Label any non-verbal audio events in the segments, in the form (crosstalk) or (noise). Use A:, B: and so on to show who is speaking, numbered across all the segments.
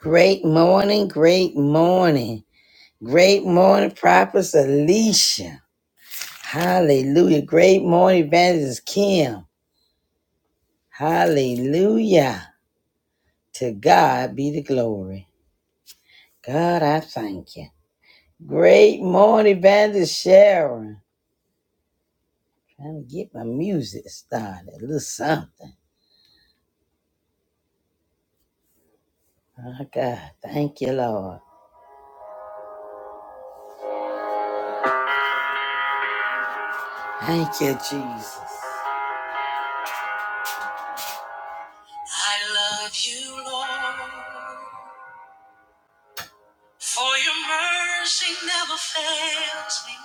A: Great morning, great morning. Great morning, Prophet Alicia. Hallelujah. Great morning, Evangelist Kim. Hallelujah. To God be the glory. God, I thank you. Great morning, Evangelist Sharon. Trying to get my music started. A little something. Oh, God. Thank you, Lord. Thank you, Jesus. I love you, Lord. For your mercy never fails me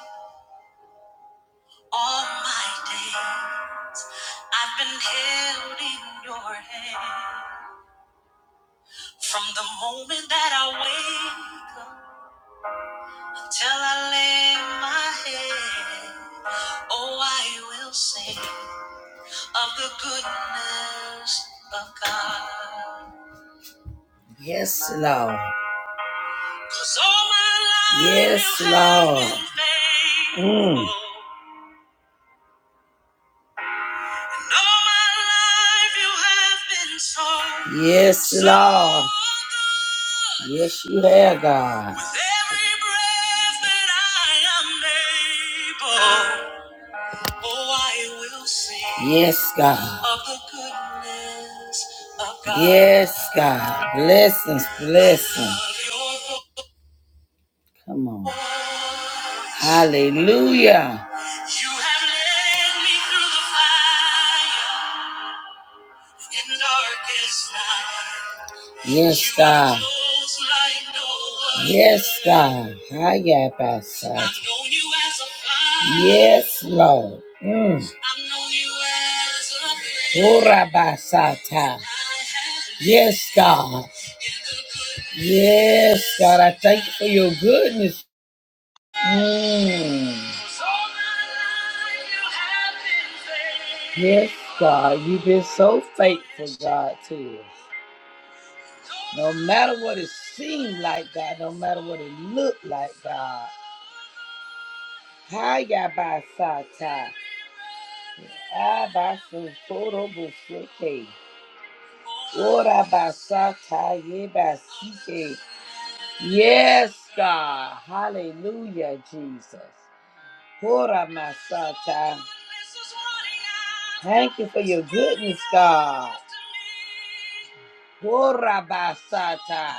A: all my days. I've been held in your hand from the moment that I wake up till I lay my head. Oh, I will sing of the goodness of God. Yes, Lord. 'Cause all my life Yes, you have Lord. been faithful. Mm. so- Yes, so Lord. Yes, you have, God. With every breath that I am able, oh, I will sing. Yes, God. Of the goodness of God. Yes, God. Blessings, blessings. Come on. Hallelujah. You have led me through the fire. Yes, God. Yes, God. Hi, yeah, Pastor. Yes, Lord. Mm. Ora Yes, God. Yes, God. I thank you for your goodness. Mm. Yes, God, you've been so faithful, God, to us. No matter what it seemed like, God, no matter what it looked like, God. Hi, ya by Sata. I by Sotoro Buseke. Ora by Sata, ye by Sike. Yes, God. Hallelujah, Jesus. Hora Masata. Thank you for your goodness, God. Hora Basata.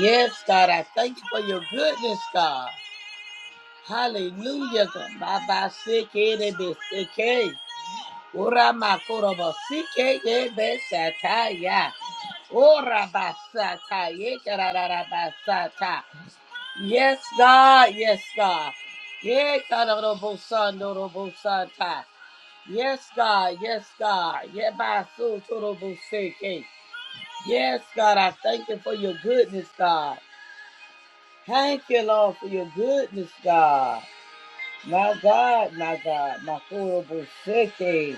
A: Yes, God, I thank you for your goodness, God. Hallelujah. God. Baba Seke Rebe Seke. Ora Makoro Basike Rebe Sataya. Ora Basata. Yekarara Basata. Yes, God. Yes, God. Yekarara Bosando Robosata. Yes, God. Yes, God. Yebasotoroboseke. Yes, God. I thank you for your goodness, God. Thank you, Lord, for your goodness, God. My God, my God, my Koroboseke.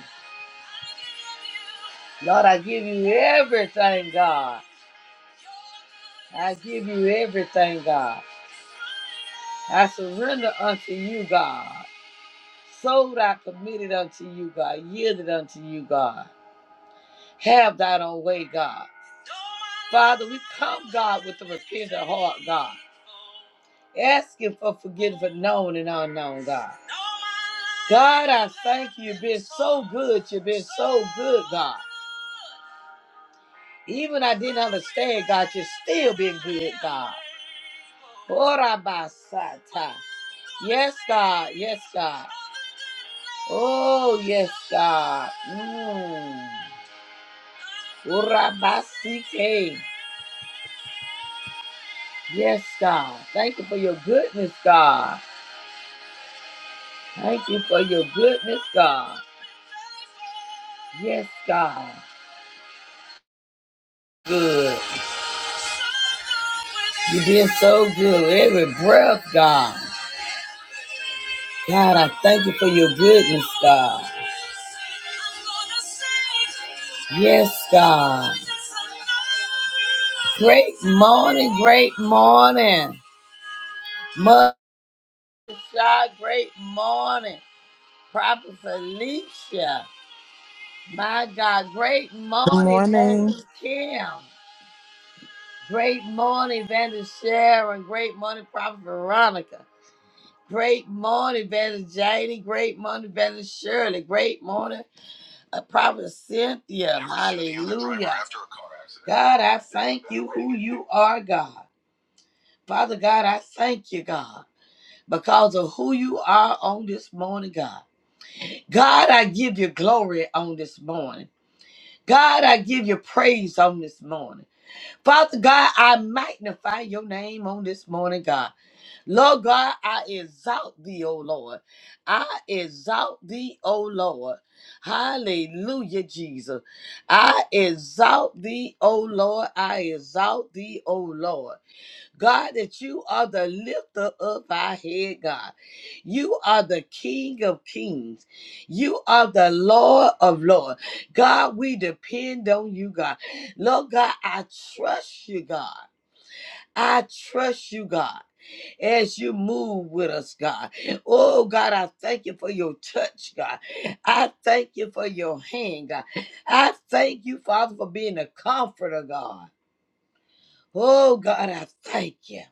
A: Lord, I give you everything, God. I give you everything, God. I surrender unto you, God. Sold I committed unto you, God. Yielded unto you, God. Have thine own way, God. Father, we come, God, with a repentant heart, God. Asking for forgiveness for known and unknown, God. God, I thank you. You've been so good. You've been so good, God. Even I didn't understand, God, you're still been good, God. Orabasata. Yes, God. Yes, God. Oh, yes, God. Mm. Orabasike. Yes, God. Thank you for your goodness, God. Thank you for your goodness, God. Yes, God. Good. You did so good. Every breath, God. God, I thank you for your goodness, God. Yes, God. Great morning, great morning. Mother Shy, great morning. Prophet Felicia. My God, great
B: Good
A: morning,
B: morning.
A: Evangelist Kim. Great morning, Evangelist Sharon. Great morning, Prophet Veronica. Great morning, Evangelist Janie. Great morning, Evangelist Shirley. Great morning, uh, Prophet Cynthia. Hallelujah. God, I thank you who you are, God. Father God, I thank you, God, because of who you are on this morning, God. God, I give you glory on this morning. God, I give you praise on this morning. Father God, I magnify your name on this morning, God. Lord God, I exalt thee, O Lord. I exalt thee, O Lord. Hallelujah, Jesus. I exalt thee, O Lord. I exalt thee, O Lord. God, that you are the lifter of our head, God. You are the King of kings. You are the Lord of lords. God, we depend on you, God. Lord God, I trust you, God. I trust you, God, as you move with us, God. Oh, God, I thank you for your touch, God. I thank you for your hand, God. I thank you, Father, for being a comforter, God. Oh, God, I thank you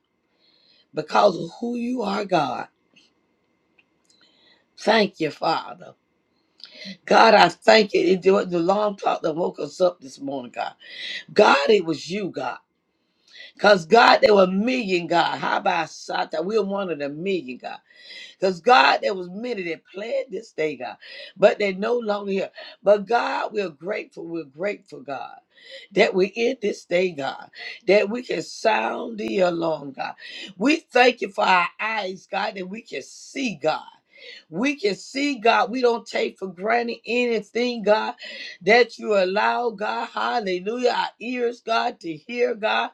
A: because of who you are, God. Thank you, Father. God, I thank you. It was the long talk that woke us up this morning, God. God, it was you, God. Because, God, there were a million, God. How about that? We were one of the million, God. Because God, there was many that planned this day, God, but they're no longer here. But God, we're grateful. We're grateful, God, that we're in this day, God, that we can sound the alarm, God. We thank you for our eyes, God, that we can see, God. We can see, God. We don't take for granted anything, God, that you allow, God. Hallelujah. Our ears, God, to hear, God.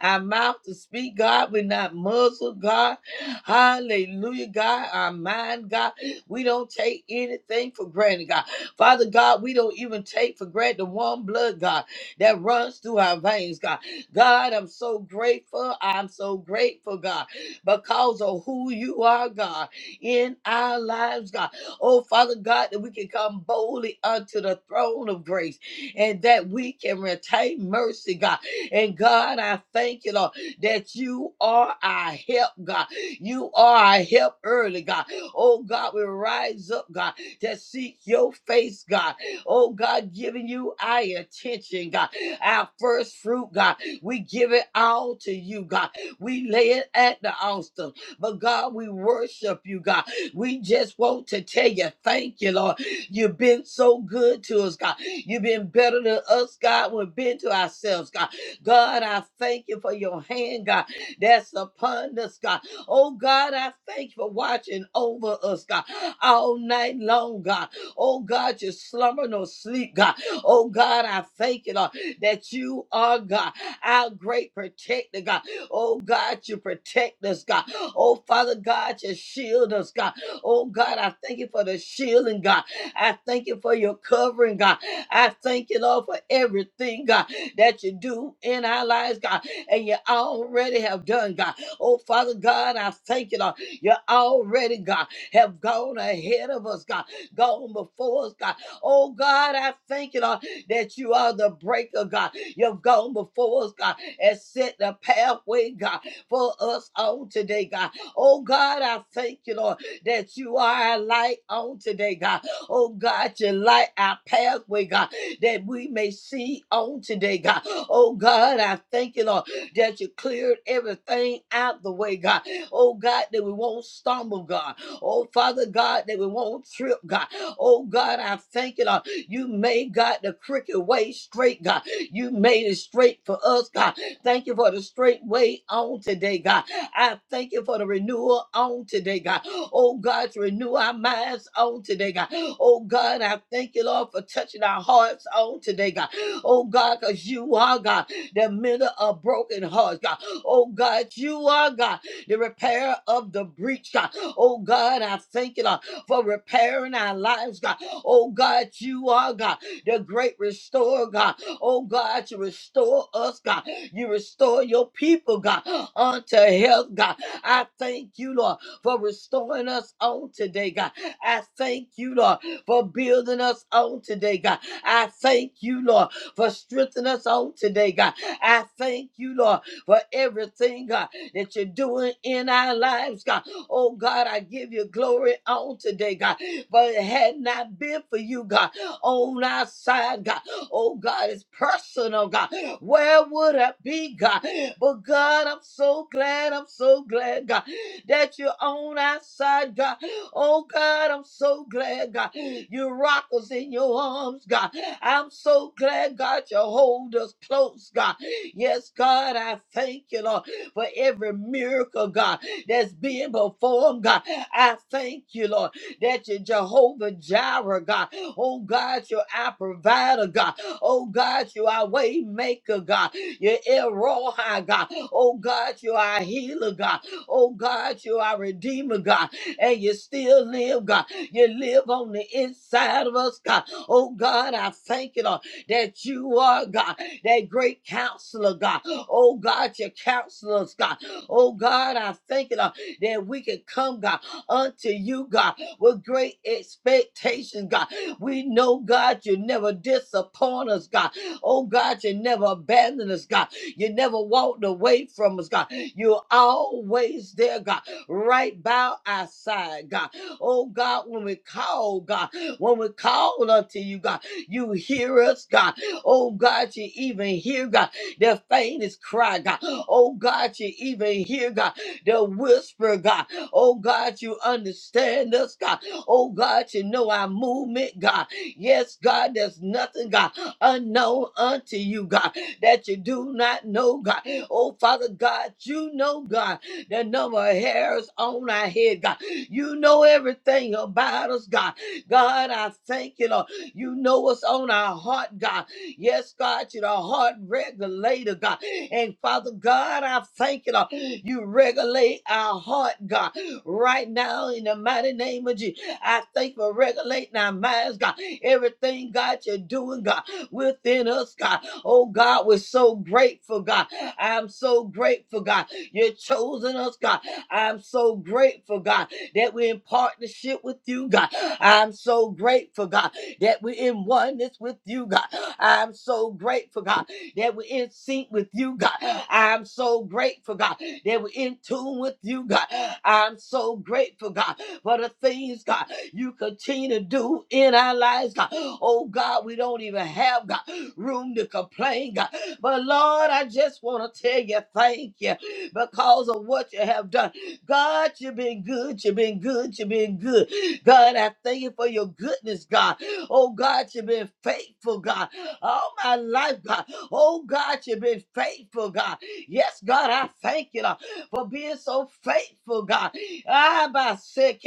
A: Our mouth to speak, God. We're not muzzled, God. Hallelujah, God. Our mind, God. We don't take anything for granted, God. Father God, we don't even take for granted the one blood, God, that runs through our veins, God. God, I'm so grateful. I'm so grateful, God, because of who you are, God, in our lives, God. Oh, Father God, that we can come boldly unto the throne of grace and that we can retain mercy, God. And God, I thank you, Lord, that you are our help, God. You are our help early, God. Oh, God, we rise up, God, to seek your face, God. Oh, God, giving you our attention, God. Our first fruit, God. We give it all to you, God. We lay it at the altar. But, God, we worship you, God. We just want to tell you, thank you, Lord. You've been so good to us, God. You've been better to us, God. We've been to ourselves, God. God, I thank you for your hand, God, that's upon us, God. Oh God, I thank you for watching over us, God, all night long, God. Oh God, you slumber no sleep, God. Oh God, I thank you, Lord, that you are God, our great protector, God. Oh God, you protect us, God. Oh Father God, you shield us, God. Oh God, I thank you for the shielding, God. I thank you for your covering, God. I thank you, Lord, for everything, God, that you do in our lives, God, and you already have done, God. Oh, Father God, I thank you, Lord. You already, God, have gone ahead of us, God, gone before us, God. Oh, God, I thank you, Lord, that you are the breaker, God. You've gone before us, God, and set the pathway, God, for us on today, God. Oh, God, I thank you, Lord, that you are our light on today, God. Oh, God, you light our pathway, God, that we may see on today, God. Oh, God, I thank you, Lord that you cleared everything out the way, God. Oh, God, that we won't stumble, God. Oh, Father God, that we won't trip, God. Oh, God, I thank you, Lord. You made, God, the crooked way straight, God. You made it straight for us, God. Thank you for the straight way on today, God. I thank you for the renewal on today, God. Oh, God, to renew our minds on today, God. Oh, God, I thank you, Lord, for touching our hearts on today, God. Oh, God, because you are, God the mender of broken hearts, God. Oh God, you are God, the repairer of the breach, God. Oh God, I thank you, Lord, for repairing our lives, God. Oh God, you are God, the great restorer, God. Oh God, you restore us, God. You restore your people, God, unto health, God. I thank you, Lord, for restoring us on today, God. I thank you, Lord, for building us on today, God. I thank you, Lord, for strengthening us on today, God. I thank you, Lord, for everything, God, that you're doing in our lives, God. Oh, God, I give you glory on today, God. But it had not been for you, God, on our side, God. Oh, God, it's personal, God. Where would I be, God? But, God, I'm so glad, I'm so glad, God, that you're on our side, God. Oh, God, I'm so glad, God. You rock us in your arms, God. I'm so glad, God, you hold us close, God. Yes, God, I thank you, Lord, for every miracle, God, that's being performed, God. I thank you, Lord, that you're Jehovah Jireh, God. Oh, God, you're our provider, God. Oh, God, you're our way maker, God. You're El Rohi, God. Oh, God, you're our healer, God. Oh, God, you're our redeemer, God. And you still live, God. You live on the inside of us, God. Oh, God, I thank you, Lord, that you are, God that great counselor, God. Oh, God, your counselors, God. Oh, God, I thank you, Lord, that we can come, God, unto you, God, with great expectation, God. We know, God, you never disappoint us, God. Oh, God, you never abandon us, God. You never walked away from us, God. You're always there, God, right by our side, God. Oh, God, when we call, God, when we call unto you, God, you hear us, God. Oh God, you even hear God their faintest cry, God. Oh God, you even hear God their whisper, God. Oh God, you understand us, God. Oh God, you know our movement, God. Yes, God, there's nothing, God, unknown unto you, God, that you do not know, God. Oh Father God, you know, God, the number of hairs on our head, God. You know everything about us, God. God, I thank you, Lord. You know what's on our heart, God. Yes, God, you're the heart regulator, God. And Father God, I thank you, Lord. You regulate our heart, God, right now in the mighty name of Jesus. I thank you for regulating our minds, God. Everything, God, you're doing, God, within us, God. Oh, God, we're so grateful, God. I'm so grateful, God. You've chosen us, God. I'm so grateful, God that we're in partnership with you, God. I'm so grateful, God, that we're in oneness with you, God. I'm so grateful, God, that we're in sync with you, God. I'm so grateful, God, that we're in tune with you, God. I'm so grateful, God, for the things, God, you continue to do in our lives, God. Oh, God, we don't even have, God, room to complain, God. But Lord, I just want to tell you thank you because of what you have done. God, you've been good. You've been good. You've been good. God, I thank you for your goodness, God. Oh, God, you've been faithful, God. All my life, God. Oh, God, you've been faithful, God. Yes, God, I thank you Lord, for being so faithful, God. Ah, by sick.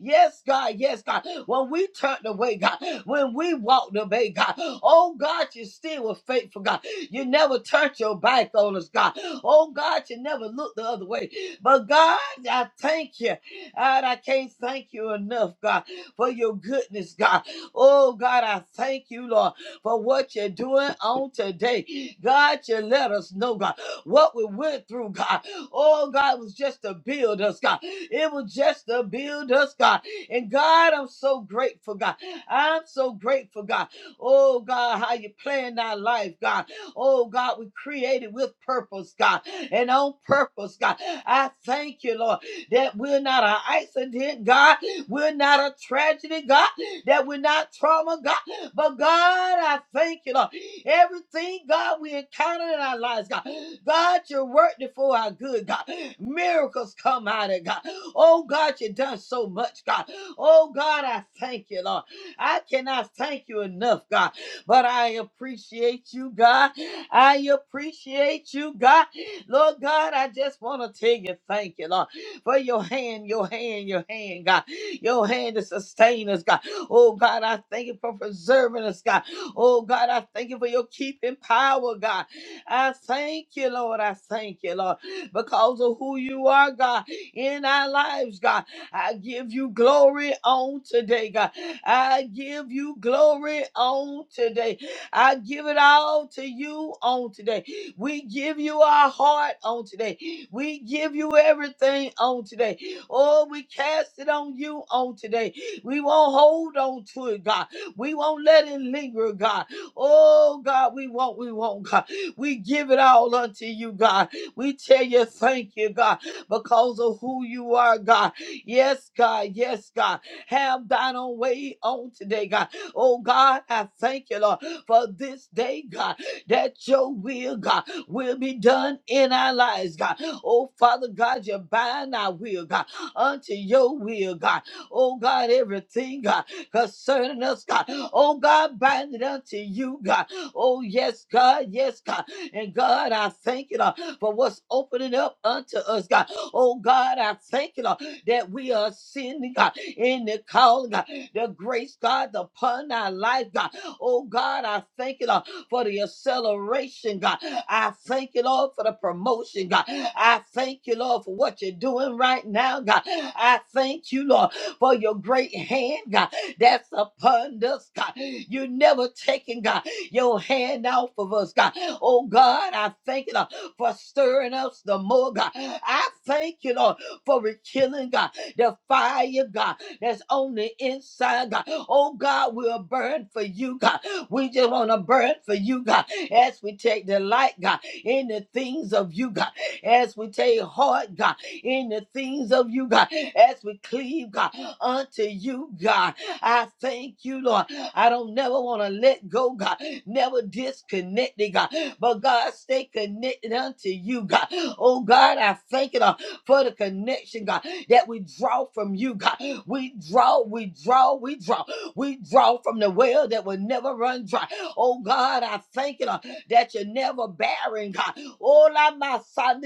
A: Yes, God. Yes, God. When we turned away, God, when we walked away, God, oh, God, you still were faithful, God. You never turned your back on us, God. Oh, God, you never looked the other way. But God, I thank you. God, I can't thank you enough, God, for your goodness, God. Oh, God, I thank you, Lord, for what you're doing on today. God, you let us know, God, what we went through, God. Oh, God, it was just to build us, God. It was just to build us, God. And God, I'm so grateful, God. I'm so grateful, God. Oh, God, how you plan our life, God. Oh God, we created with purpose, God, and on purpose, God. I thank you, Lord, that we're not an accident, God. We're not a tragedy, God. That we're not trauma, God. But God, I thank you, Lord. Everything, God, we encounter in our lives, God. God, you're working for our good, God. Miracles come out of God. Oh God, you done so much, God. Oh God, I thank you, Lord. I cannot thank you enough, God. But I appreciate you, God. I appreciate you, God. Lord God, I just want to tell you thank you, Lord, for your hand, your hand, your hand, God. Your hand to sustain us, God. Oh, God, I thank you for preserving us, God. Oh, God, I thank you for your keeping power, God. I thank you, Lord. I thank you, Lord, because of who you are, God, in our lives, God. I give you glory on today, God. I give you glory on today. I give it all to you on today. We give you our heart on today. We give you everything on today. Oh, we cast it on you on today. We won't hold on to it, God. We won't let it linger, God. Oh, God, we won't, we won't, God. We give it all unto you, God. We tell you thank you, God, because of who you are, God. Yes, God. Yes, God. Have thine own way on today, God. Oh, God, I thank you, Lord, for this day, God, that your will, God, will be done in our lives, God. Oh, Father God, you bind our will, God, unto your will, God. Oh, God, everything, God, concerning us, God. Oh, God, bind it unto you, God. Oh, yes, God. Yes, God. And God, I thank you, Lord, for what's opening up unto us, God. Oh God, I thank you, Lord, that we are sitting God, in the calling, God, the grace, God, upon our life, God. Oh God, I thank you, Lord, for the acceleration, God. I thank you, Lord, for the promotion, God. I thank you, Lord, for what you're doing right now, God. I thank you, Lord, for your great hand, God, that's upon us, God. You never taking, God, your hand off of us, God. Oh God, I thank you, Lord for stirring us the more, God. I thank you, Lord, for rekindling, God, the fire, God, that's on the inside, God. Oh, God, we'll burn for you, God. We just want to burn for you, God, as we take delight God, in the things of you, God, as we take heart, God, in the things of you, God, as we cleave, God, unto you, God. I thank you, Lord. I don't never want to let go, God, never disconnected, God. But God, stay connected unto you, God. Oh God, I thank you Lord, for the connection, God, that we draw from you, God. We draw, we draw, we draw. We draw from the well that will never run dry. Oh God, I thank you Lord, that you're never barren, God. Oh, la my son,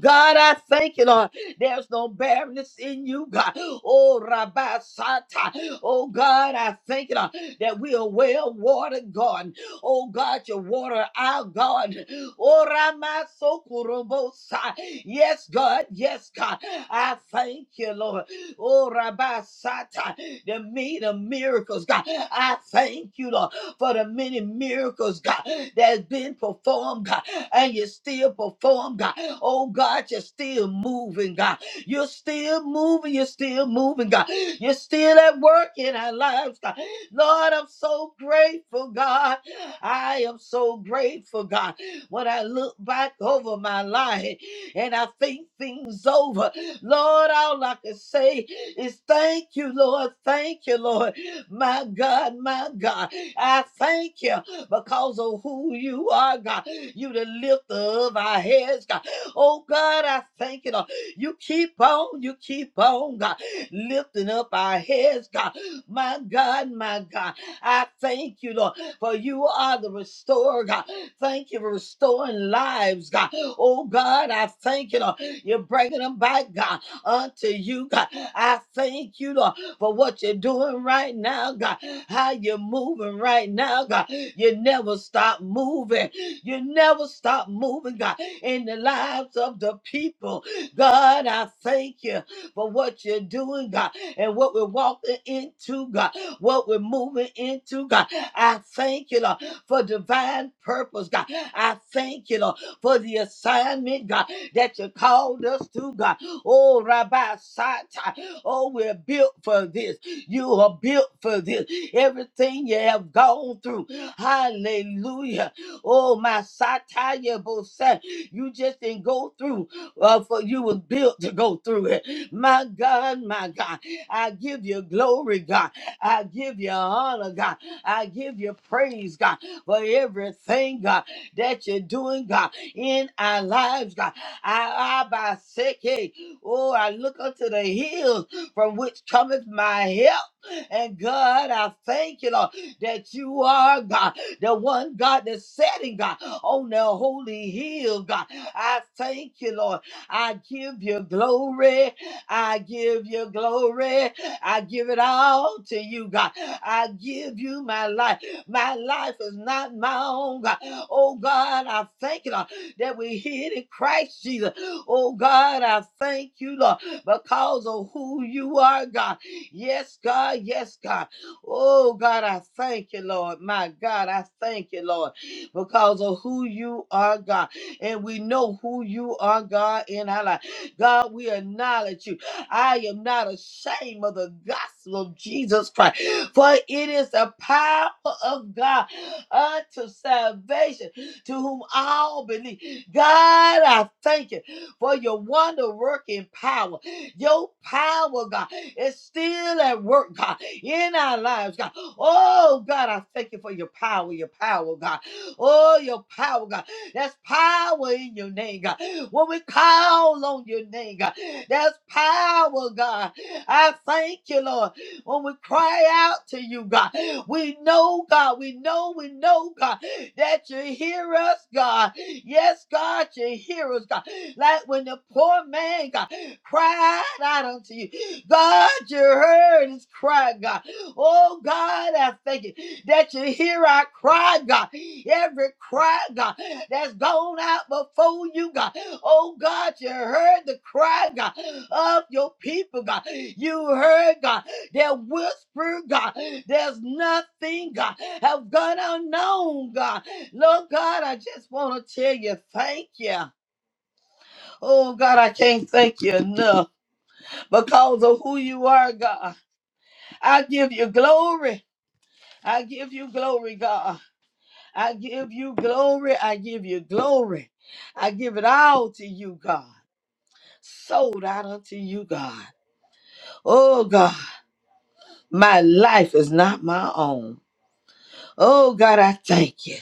A: God, I thank you, Lord. There's no barrenness in you, God. Oh, Rabbi Sata. Oh, God, I thank you, Lord, that we are well watered, God. Oh God, your water, our God. Oh, Ramasokorobosa. Yes, God. Yes, God. I thank you, Lord. Oh, Rabasata, the meat of miracles, God. I thank you, Lord, for the many miracles, God, that's been performed, God, and you still perform, God. Oh, God, you're still moving, God. You're still moving. You're still moving, God. You're still at work in our lives, God. Lord, I'm so grateful, God. I am so grateful, God. When I look back over my life and I think things over, Lord, all I can say is thank you, Lord. Thank you, Lord. My God, my God. I thank you because of who you are, God. You the lifter of our heads, God. Oh, God, I thank you, Lord. You keep on, you keep on, God, lifting up our heads, God. My God, my God. I thank you, Lord for you are the restorer, God. Thank you for restoring lives, God. Oh, God, I thank you, Lord. You're bringing them back, God, unto you, God. I thank you, Lord, for what you're doing right now, God. How you're moving right now, God. You never stop moving. You never stop moving, God, in the lives of the people. God, I thank you for what you're doing, God, and what we're walking into, God what we're moving into, God. I thank you, Lord, for divine purpose, God. I thank you, Lord, for the assignment, God, that you called us to, God. Oh, Rabbi Sata, oh, we're built for this. You are built for this. Everything you have gone through, hallelujah. Oh, my Sataya Bosa, you just didn't go through, uh, for you was built to go through it. My God, my God, I give you glory, God. I give you honor, God. I give you praise, God, for everything, God, that you're doing, God, in our lives, God. I, I by second, oh, I look unto the hills from which cometh my help. And God, I thank you, Lord, that you are God, the one God that's setting God on the holy hill, God. I thank you, Lord. I give you glory. I give you glory. I give it all to you, God. I give you my life. My life is not my own, God. Oh, God, I thank you, Lord, that we hid in Christ Jesus. Oh, God, I thank you, Lord, because of who you are, God. Yes, God. Yes, God. Oh, God, I thank you, Lord. My God, I thank you, Lord, because of who you are, God. And we know who you are, God, in our life. God, we acknowledge you. I am not ashamed of the gospel of Jesus Christ, for it is the power of God unto salvation to whom all believe. God, I thank you for your wonder working power. Your power, God, is still at work, God, in our lives, God. Oh, God, I thank you for your power, your power, God. Oh, your power, God. That's power in your name, God when we call on your name, God. There's power, God. I thank you, Lord. When we cry out to you, God, we know, God, we know, we know, God, that you hear us, God. Yes, God, you hear us, God. Like when the poor man, God, cried out unto you. God, you heard his cry, God. Oh, God, I thank you that you hear our cry, God. Every cry, God, that's gone out before you, God. Oh God, you heard the cry, God, of your people, God. You heard, God, their whisper, God. There's nothing, God, have gone unknown, God. Lord God, I just want to tell you thank you. Oh God, I can't thank you enough because of who you are, God. I give you glory. I give you glory, God. I give you glory. I give you glory. I give it all to you, God. Sold out unto you, God. Oh God, my life is not my own. Oh God, I thank you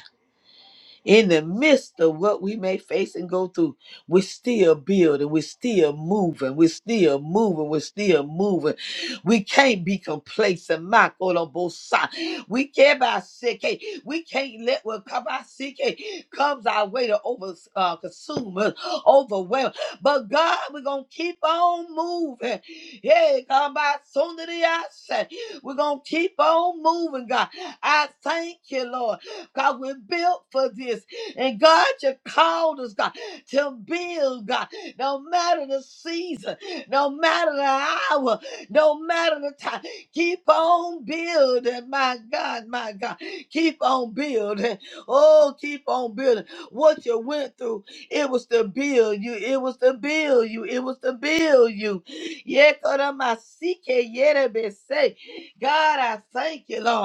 A: in the midst of what we may face and go through, we're still building, we're still moving, we're still moving, we're still moving. We can't be complacent. My God, on both sides. We can't about sick. hey, We can't let what come our sick hey, comes our way to over uh, consume us, overwhelm. But God, we're gonna keep on moving. Yeah, come by soon to the outside. We're gonna keep on moving, God. I thank you, Lord. God, we're built for this. And God, you called us, God, to build, God, no matter the season, no matter the hour, no matter the time. Keep on building, my God, my God. Keep on building. Oh, keep on building. What you went through, it was to build you. It was to build you. It was to build you. Yekoramasike yerebese. God, I thank you, Lord.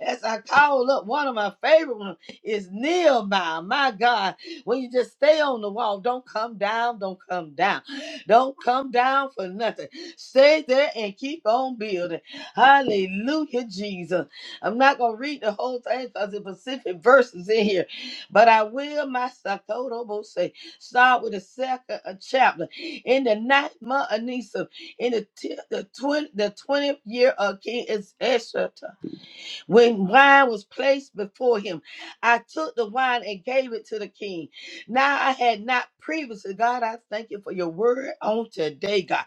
A: As I call up, one of my favorite ones is Nehemiah. My God, when you just stay on the wall, don't come down, don't come down, don't come down for nothing. Stay there and keep on building. Hallelujah, Jesus. I'm not going to read the whole thing because the specific verses in here, but I will, my Sakoto say, start with the second uh, chapter. In the ninth month of Nisan, in the, t- the, 20, the 20th year of King Esther. When wine was placed before him, I took the wine and gave it to the king. Now I had not previously, God, I thank you for your word on today, God.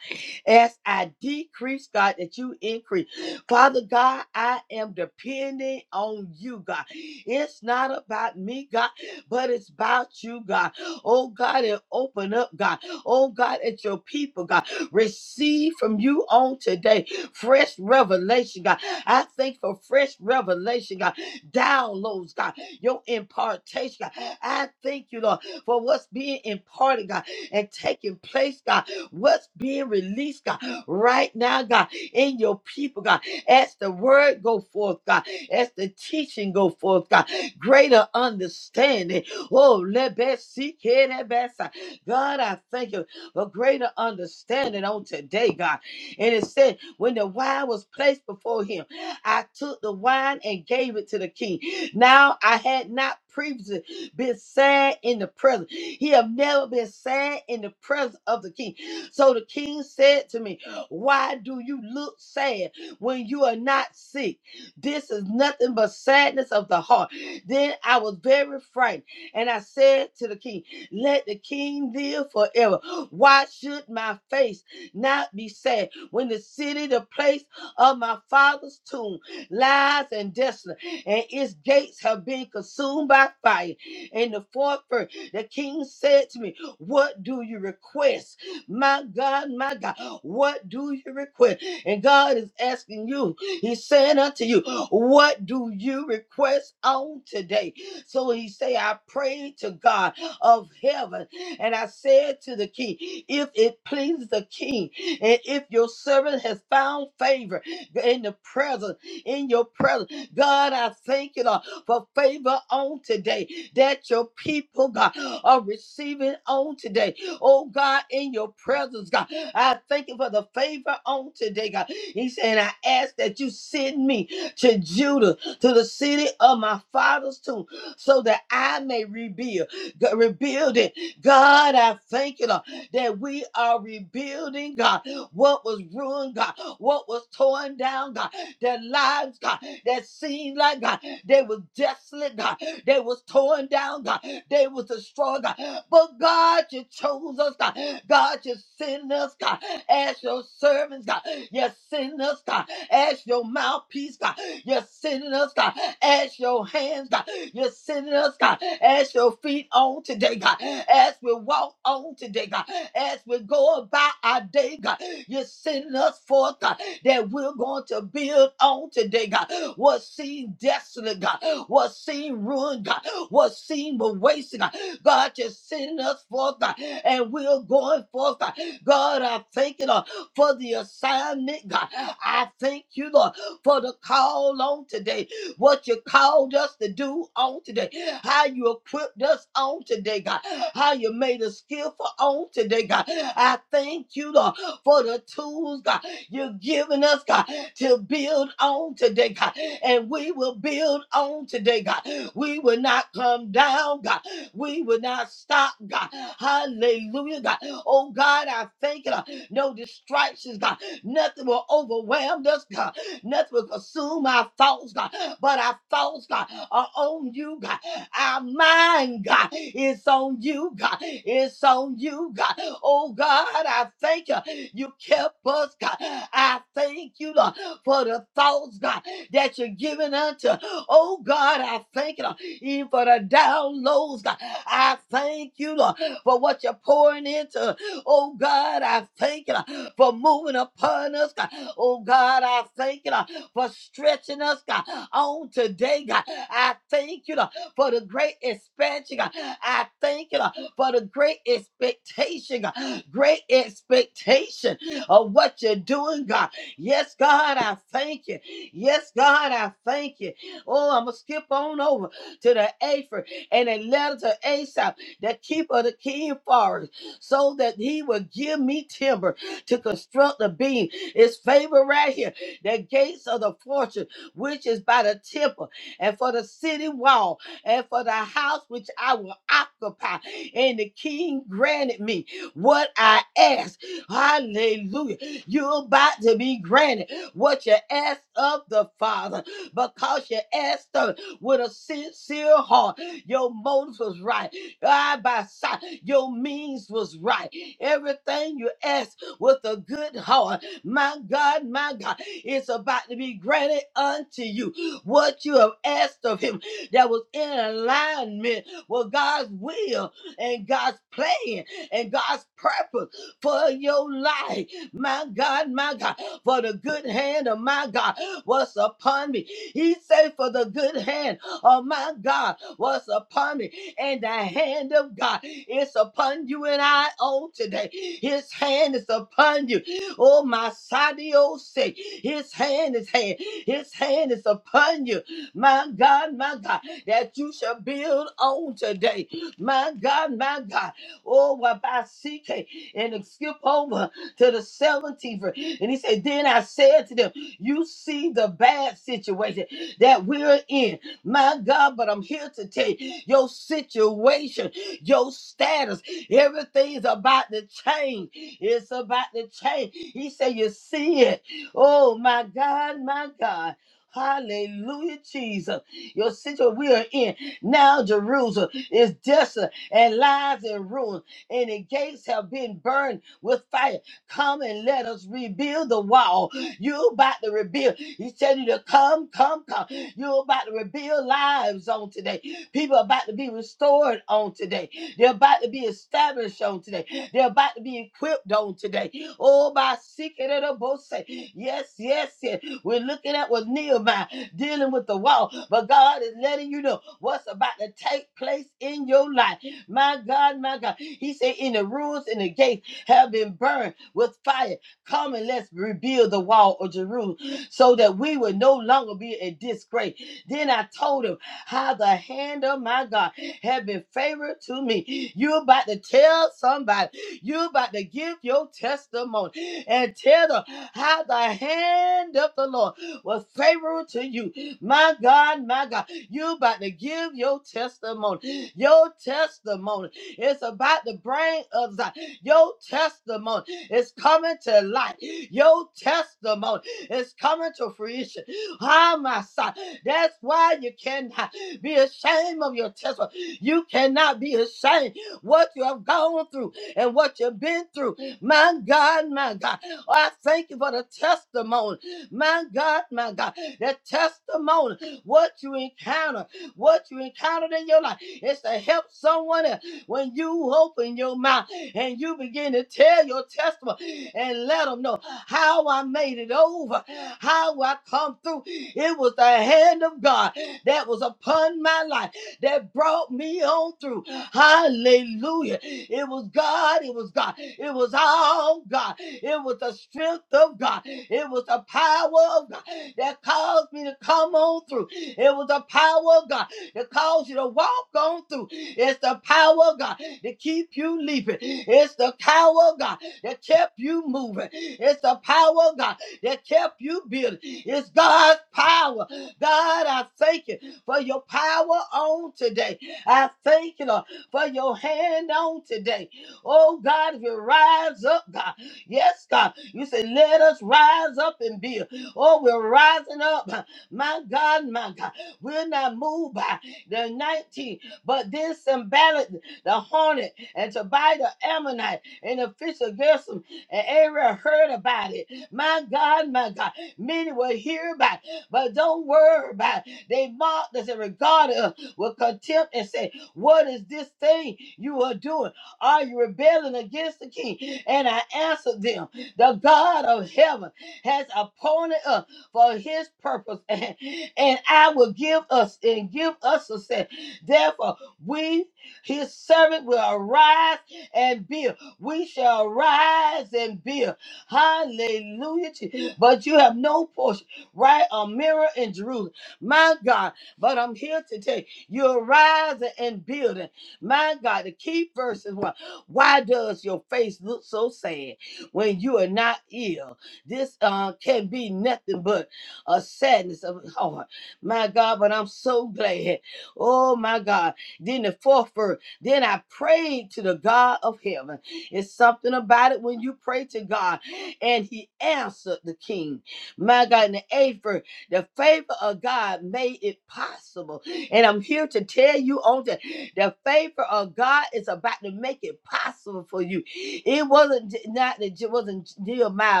A: As I decrease, God, that you increase. Father God, I am depending on you, God. It's not about me, God, but it's about you, God. Oh, God, and open up, God. Oh, God, it's your people, God. Receive from you on today fresh revelation, God. I thank for fresh revelation, God. Downloads, God. Your impartation, God. I thank you, Lord, for what's being imparted, God, and taking place, God. What's being released, God, right now, God, in your people, God. As the word go forth, God. As the teaching go forth, God. Greater understanding. Oh, let that seek here, that backside. God, I thank you for greater understanding on today, God. And it said, when the wine was placed before him, I took the wine and gave it to the king. Now I had not previously been sad in the presence. He have never been sad in the presence of the king. So the king said to me, Why do you look sad when you are not sick? This is nothing but sadness of the heart. Then I was very frightened, and I said to the king, Let the king live forever. Why should my face not be sad? when the city, the place of my father's tomb, lies and desolate, and its gates have been consumed by fire. In the fourth verse, the king said to me, What do you request? My God, my God, what do you request? And God is asking you, He's saying unto you, What do you request on today? So He say, I pray to God of heaven and I said to the king, If it pleases the king, and if your servant has found favor in the presence, in your presence, God, I thank you, Lord, for favor on today that your people, God, are receiving on today. Oh, God, in your presence, God, I thank you for the favor on today, God. He said, I ask that you send me to Judah, to the city of my father's tomb, so that I may rebuild, g- rebuild it God, I thank you, Lord, that we are rebuilding, God, what was ruined, God, what was torn down, God, their lives, God, that seemed like, God, they was desolate, God, they was torn down, God, they was destroyed, God. But God, you chose us, God. God, you send us, God, as your servants, God. You send us, God, as your mouthpiece, God. You send us, God, as your your hands, God. You're sending us, God, as your feet on today, God. As we walk on today, God. As we go about our day, God. You're sending us forth, God, that we're going to build on today, God. What seemed desolate, God. What seemed ruined, God. What seemed wasted, God. God, you're sending us forth, God. And we're going forth, God. God, I thank you, Lord, for the assignment, God. I thank you, Lord, for the call on today what you called us to do on today, how you equipped us on today, God, how you made us skillful on today, God. I thank you, Lord, for the tools, God, you're giving us, God, to build on today, God. And we will build on today, God. We will not come down, God. We will not stop, God. Hallelujah, God. Oh, God, I thank you, Lord. No distractions, God. Nothing will overwhelm us, God. Nothing will consume our thoughts, God. But our thoughts, God, are on you, God. Our mind, God, is on you, God. It's on you, God. Oh, God, I thank you. You kept us, God. I thank you, Lord, for the thoughts, God, that you're giving unto. Oh, God, I thank you, Lord, even for the downloads, God. I thank you, Lord, for what you're pouring into. Oh, God, I thank you. Lord for moving upon us. God. Oh God, I thank you Lord, for stretching us God, on today. God, I thank you Lord, for the great expansion. God. I thank you Lord, for the great expectation. God. Great expectation of what you're doing, God. Yes, God, I thank you. Yes, God, I thank you. Oh, I'm gonna skip on over to the Aphra and a letter to Asaph, the keeper of the king forest, so that he will give me timber to construct the beam. It's favor right here. The gates of the fortune, which is by the temple, and for the city wall, and for the house which I will occupy. And the king granted me what I asked. Hallelujah. You're about to be granted what you asked of the Father because you asked him with a sincere heart. Your motives was right. Eye by side. Your means was right. Everything you asked with a good heart. My God, my God, it's about to be granted unto you what you have asked of him that was in alignment with God's will and God's plan and God's purpose for your life. My God, my God, for the good hand of my God was upon me. He said, For the good hand of my God was upon me, and the hand of God is upon you and I on today. His hand is upon you. Oh, my Sadio say, His hand is hand. His hand is upon you. My God, my God, that you shall build on today. My God, my God. Oh, what I seek it, and it skip over to the 17th. verse. And he said, Then I said to them, You see the bad situation that we're in. My God, but I'm here to tell you your situation, your status, everything's about to change. It's about to change. He said, You see it. Oh, my God, my God. Hallelujah, Jesus. Your situation we are in. Now Jerusalem is desolate and lies in ruins, and the gates have been burned with fire. Come and let us rebuild the wall you about to rebuild. He said you to come, come, come. You about to rebuild lives on today. People are about to be restored on today. They're about to be established on today. They're about to be equipped on today. Oh, by seeking it up, both say, yes, yes, yes. We're looking at what Nehemiah dealing with the wall, but God is letting you know what's about to take place in your life. My God, my God. He said, in the ruins and the gates have been burned with fire. Come and let's rebuild the wall of Jerusalem so that we would no longer be in disgrace. Then I told him how the hand of my God had been favored to me. You're about to tell somebody, you're about to give your testimony and tell them how the hand of the Lord was favorable to you. My God, my God. You about to give your testimony. Your testimony its about to bring us out. Your testimony is coming to light. Your testimony is coming to fruition. Ah, my son. That's why you cannot be ashamed of your testimony. You cannot be ashamed what you have gone through and what you've been through. My God, my God. Oh, I thank you for the testimony. My God, my God. The testimony what you encounter, what you encountered in your life. It's to help someone else. When you open your mouth and you begin to tell your testimony and let them know how I made it over, how I come through, it was the hand of God that was upon my life that brought me on through. Hallelujah. It was God. It was God. It was all God. It was the strength of God. It was the power of God that caused me to come on through. It was the power of God that caused you to walk on through. It's the power of God that keep you leaping. It's the power of God that kept you moving. It's the power of God that kept you building. It's God's power. God, I thank you for your power on today. I thank you, Lord, for your hand on today. Oh, God, if you rise up, God. Yes, God. You say, let us rise up and build. Oh, we're rising up. My God, my God, we're not moved by the 19, but this symbolized the hornet and Tobiah the Ammonite and the fish of Gersom and Ariel heard about it. My God, my God, many will hear about it, but don't worry about it. They mocked us and regarded us with contempt and said, What is this thing you are doing? Are you rebelling against the king? And I answered them, The God of heaven has appointed us for his purpose, (laughs) and, and I will give us and give us success. Therefore, we, his servant, will arise and build. We shall rise and build. Hallelujah. Jesus. But you have no portion, right? A mirror in Jerusalem. My God. But I'm here to tell you, you're rising and building. My God, the key verse is one. Why does your face look so sad when you are not ill? This uh, can be nothing but a sadness of heart. My God, but I'm so glad. Oh, my God. Then the fourth verse, then I prayed to the God of heaven. It's something about it when you pray to God and he answered the king. My God, in the eighth verse, the favor of God made it possible. And I'm here to tell you on that the favor of God is about to make it possible for you. It wasn't not that it wasn't Jeremiah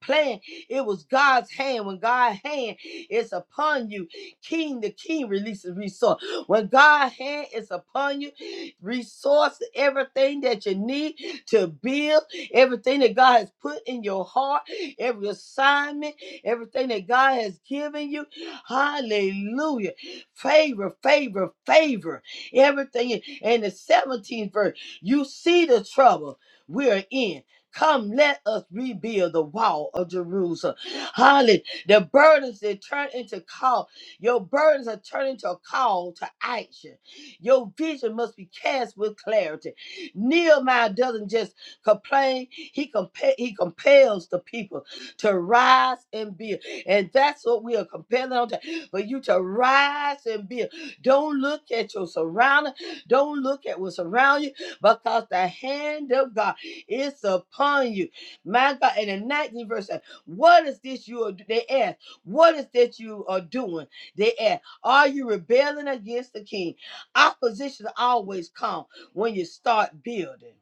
A: plan. It was God's hand. When God's hand is upon you, king the king releases resource. When God's hand is upon you, resource everything that you need to build, everything that God has put in your heart, every assignment, everything that God has given you. Hallelujah. Favor, favor, favor. Everything. And the 17th verse, you see the trouble we're in. Come, let us rebuild the wall of Jerusalem. Hallelujah. The burdens that turn into call. Your burdens are turning to a call to action. Your vision must be cast with clarity. Nehemiah doesn't just complain, he, compa- he compels the people to rise and build. And that's what we are compelling on to, for you to rise and build. Don't look at your surroundings. Don't look at what's around you because the hand of God. It's upon you. My God, in the 19th verse, uh, what is this you are, they ask, what is that you are doing? They ask, are you rebelling against the king? Opposition always comes when you start building,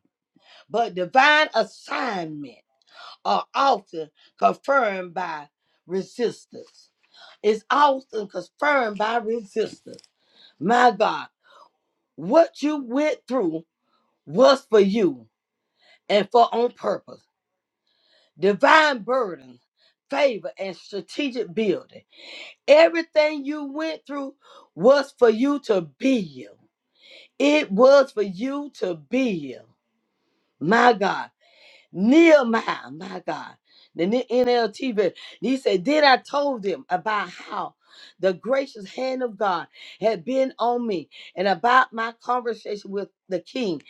A: but divine assignment are often confirmed by resistance. It's often confirmed by resistance. My God, what you went through was for you and for on purpose. divine burden, favor, and strategic building. Everything you went through was for you to build. It was for you to build. My God. Nehemiah, my God, the N- NLT version. He said, Then I told them about how the gracious hand of God had been on me and about my conversation with the king.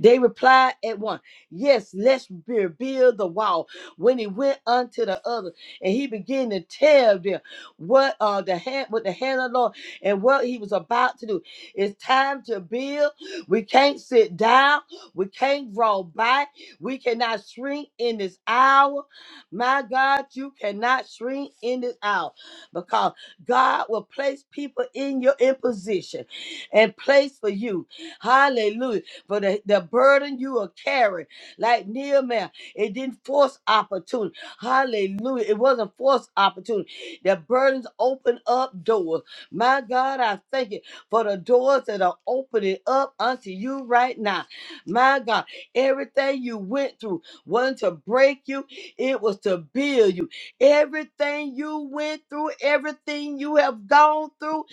A: They replied at once, Yes, let's rebuild the wall. When he went unto the other, and he began to tell them what uh the hand with the hand of the Lord and what he was about to do. It's time to build. We can't sit down. We can't draw back. We cannot shrink in this hour. My God, you cannot shrink in this hour because God will place people in your in position and place for you. Hallelujah. For the, the burden you are carrying, like Nehemiah, it didn't force opportunity. Hallelujah. It wasn't forced opportunity. The burdens open up doors. My God, I thank you for the doors that are opening up unto you right now. My God. Everything you went through wasn't to break you, it was to build you. Everything you went through, everything you have gone through,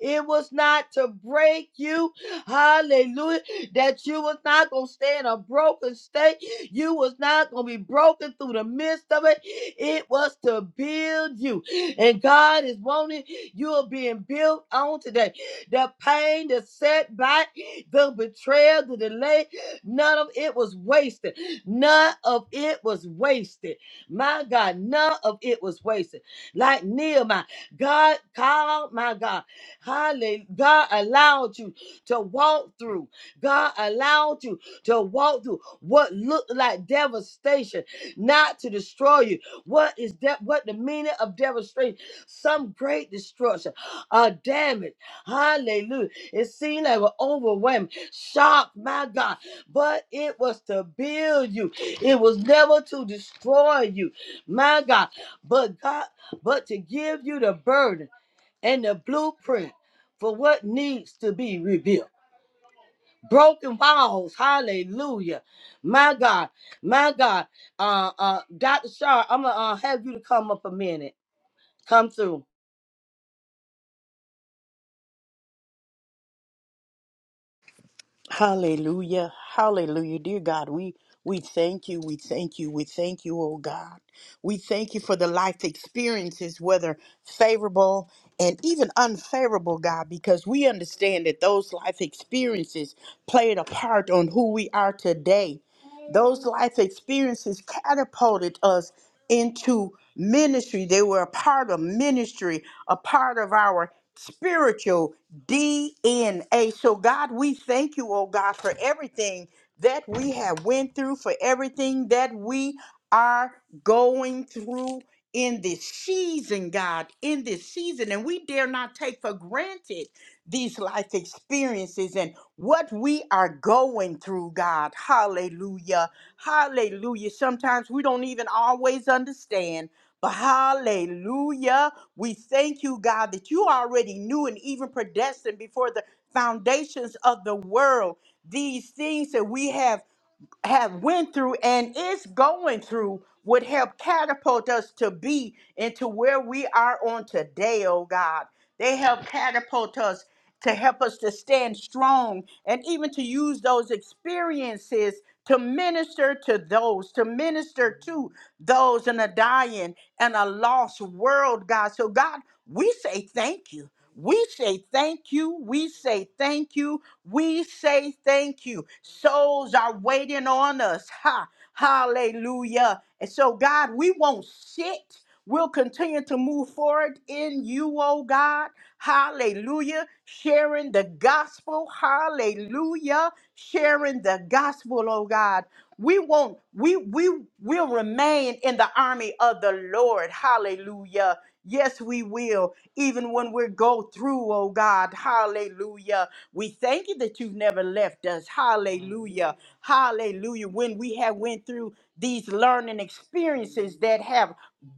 A: it was not to break you. Hallelujah. That you was not going to stay in a broken state. You was not going to be broken through the midst of it. It was to build you. And God is wanting you are being built on today. The pain, the setback, the betrayal, the delay. None of it was wasted. None of it was wasted. My God, none of it was wasted. Like Nehemiah, God called, my God. Hallelujah. God allowed you to walk through. God allowed you to walk through what looked like devastation, not to destroy you. What is that? What the meaning of devastation? Some great destruction, a damage. Hallelujah. It seemed like an overwhelming shock, my God but it was to build you. It was never to destroy you, my God. But God, but to give you the burden and the blueprint for what needs to be rebuilt. Broken walls, hallelujah, my God, my God. Uh, uh, Doctor Shar, I'm gonna uh, have you to come up a minute. Come through.
B: Hallelujah. Hallelujah. Dear God, we we thank you. We thank you. We thank you, oh God. We thank you for the life experiences, whether favorable and even unfavorable, God, because we understand that those life experiences played a part on who we are today. Those life experiences catapulted us into ministry. They were a part of ministry, a part of our spiritual DNA. So God, we thank you, oh God, for everything that we have went through, for everything that we are going through in this season, God, in this season. And we dare not take for granted these life experiences and what we are going through, God. Hallelujah. Hallelujah. Sometimes we don't even always understand, but hallelujah. We thank you, God, that you already knew and even predestined before the foundations of the world these things that we have have went through and is going through would help catapult us to be into where we are on today, oh God. They help catapult us to help us to stand strong and even to use those experiences to minister to those, to minister to those in a dying and a lost world, God. So, God, we say thank you. We say thank you. We say thank you. We say thank you. Souls are waiting on us. Ha, hallelujah. And so, God, we won't sit. We'll continue to move forward in you, oh God. Hallelujah. Sharing the gospel. Hallelujah. Sharing the gospel, oh God. We won't, we we will remain in the army of the Lord. Hallelujah. Yes, we will even when we go through, oh God. Hallelujah. We thank you that you've never left us. Hallelujah. Hallelujah. When we have went through these learning experiences that have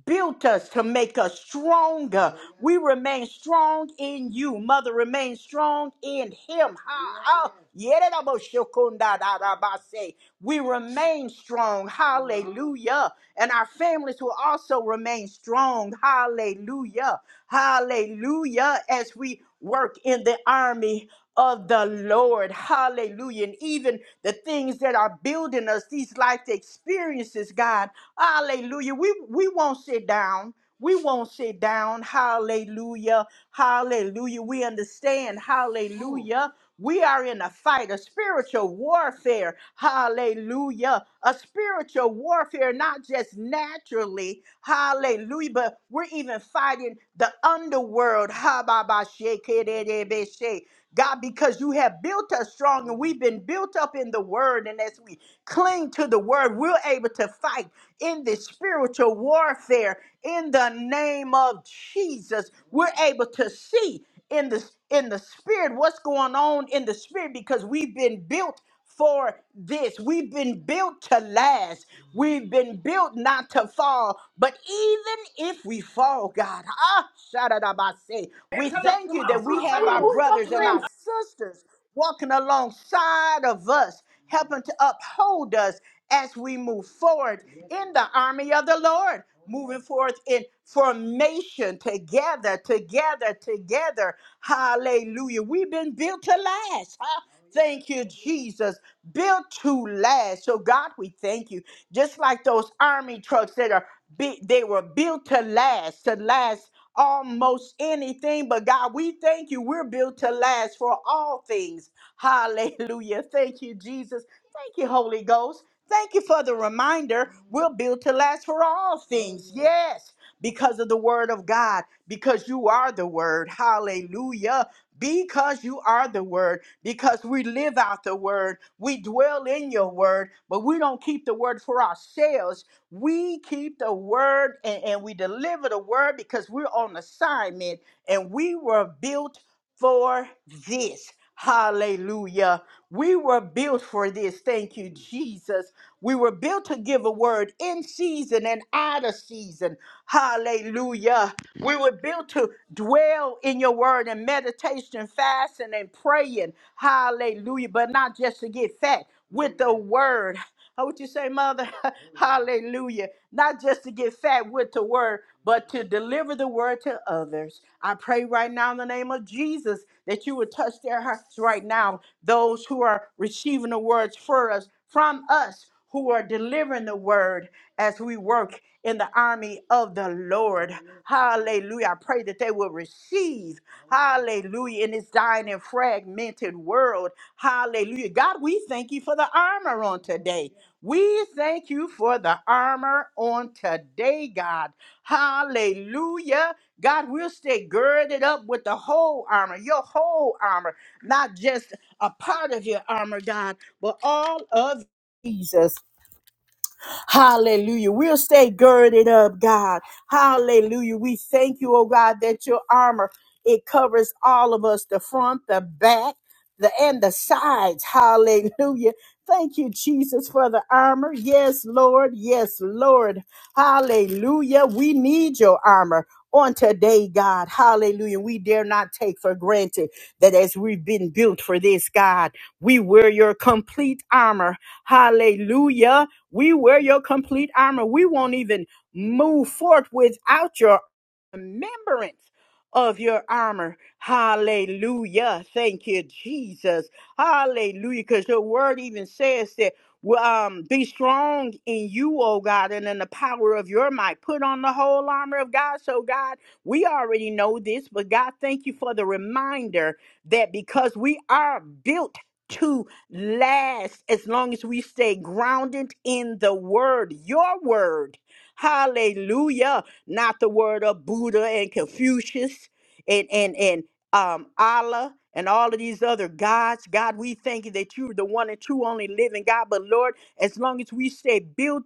B: built us to make us stronger. We remain strong in you. Mother, remain strong in him. Ha, ha. Yeredaboshokundadarabase. We remain strong. Hallelujah. And our families will also remain strong. Hallelujah. Hallelujah. As we work in the army of the Lord. Hallelujah. And even the things that are building us, these life experiences, God. Hallelujah. We we won't sit down. We won't sit down. Hallelujah. Hallelujah. We understand. Hallelujah. We are in a fight, a spiritual warfare. Hallelujah. A spiritual warfare, not just naturally. Hallelujah. But we're even fighting the underworld. Ha ba ba she, ke, de, de, be, she. God, because you have built us strong and we've been built up in the word. And as we cling to the word, we're able to fight in the spiritual warfare in the name of Jesus. We're able to see in the in the spirit what's going on in the spirit because we've been built for this. We've been built to last. We've been built not to fall. But even if we fall, God, ah, shadadabase, we thank you that we have our brothers and our sisters walking alongside of us, helping to uphold us as we move forward in the army of the Lord, moving forth in formation together, together, together. Hallelujah. We've been built to last. huh? Thank you, Jesus. Built to last. So God, we thank you. Just like those army trucks that are big, they were built to last, to last almost anything. But God, we thank you. We're built to last for all things. Hallelujah. Thank you, Jesus. Thank you, Holy Ghost. Thank you for the reminder. We're built to last for all things. Yes, because of the word of God, because you are the word. Hallelujah. Because you are the word because we live out the word, we dwell in your word, but we don't keep the word for ourselves. We keep the word and, and we deliver the word because we're on assignment and we were built for this. Hallelujah. We were built for this. Thank you, Jesus. We were built to give a word in season and out of season. Hallelujah. We were built to dwell in your word and meditation, fasting, and praying. Hallelujah. But not just to get fat with the word. How would you say, Mother? (laughs) Hallelujah. Not just to get fat with the word, but to deliver the word to others. I pray right now in the name of Jesus that you would touch their hearts right now, those who are receiving the words for us, from us who are delivering the word as we work in the army of the Lord. Hallelujah. I pray that they will receive, hallelujah, in this dying and fragmented world. Hallelujah. God, we thank you for the armor on today. We thank you for the armor on today, God. Hallelujah. God, we'll stay girded up with the whole armor, your whole armor, not just a part of your armor, God, but all of Jesus. Hallelujah. We'll stay girded up, God. Hallelujah. We thank you, oh God, that your armor, it covers all of us, the front, the back, the and the sides. Hallelujah. Thank you, Jesus, for the armor. Yes, Lord. Yes, Lord. Hallelujah. We need your armor on today, God. Hallelujah. We dare not take for granted that as we've been built for this, God, we wear your complete armor. Hallelujah. We wear your complete armor. We won't even move forth without your remembrance of your armor. Hallelujah. Thank you, Jesus. Hallelujah. Because your word even says that well, um, be strong in you, O God, and in the power of your might. Put on the whole armor of God. So, God, we already know this, but God, thank you for the reminder that because we are built. to last as long as we stay grounded in the word, your word. Hallelujah. Not the word of Buddha and Confucius and and and um Allah and all of these other gods. God, we thank you that you're the one and true only living God. But Lord, as long as we stay built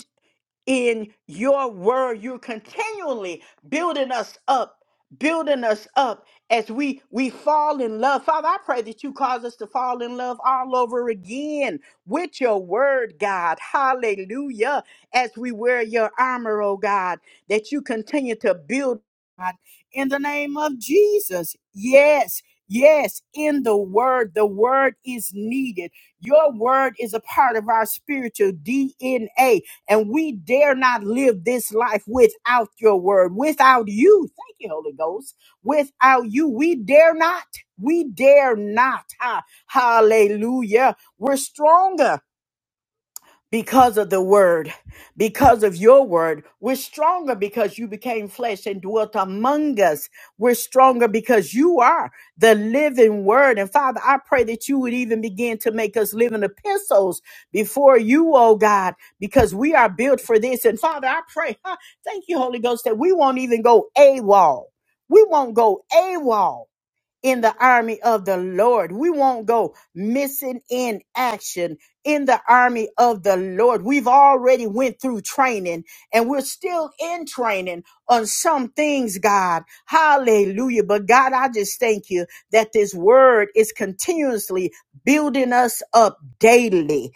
B: in your word you're continually building us up building us up as we we fall in love father i pray that you cause us to fall in love all over again with your word god hallelujah as we wear your armor oh god that you continue to build god in the name of jesus yes Yes, in the word, the word is needed. Your word is a part of our spiritual DNA. And we dare not live this life without your word, without you. Thank you, Holy Ghost. Without you, we dare not. We dare not. Ha- Hallelujah. We're stronger because of the word, because of your word. We're stronger because you became flesh and dwelt among us. We're stronger because you are the living word. And Father, I pray that you would even begin to make us living epistles before you, oh God, because we are built for this. And Father, I pray, huh, thank you, Holy Ghost, that we won't even go AWOL. We won't go AWOL in the army of the Lord. We won't go missing in action in the army of the Lord. We've already went through training and we're still in training on some things, God. Hallelujah. But God, I just thank you that this word is continuously building us up daily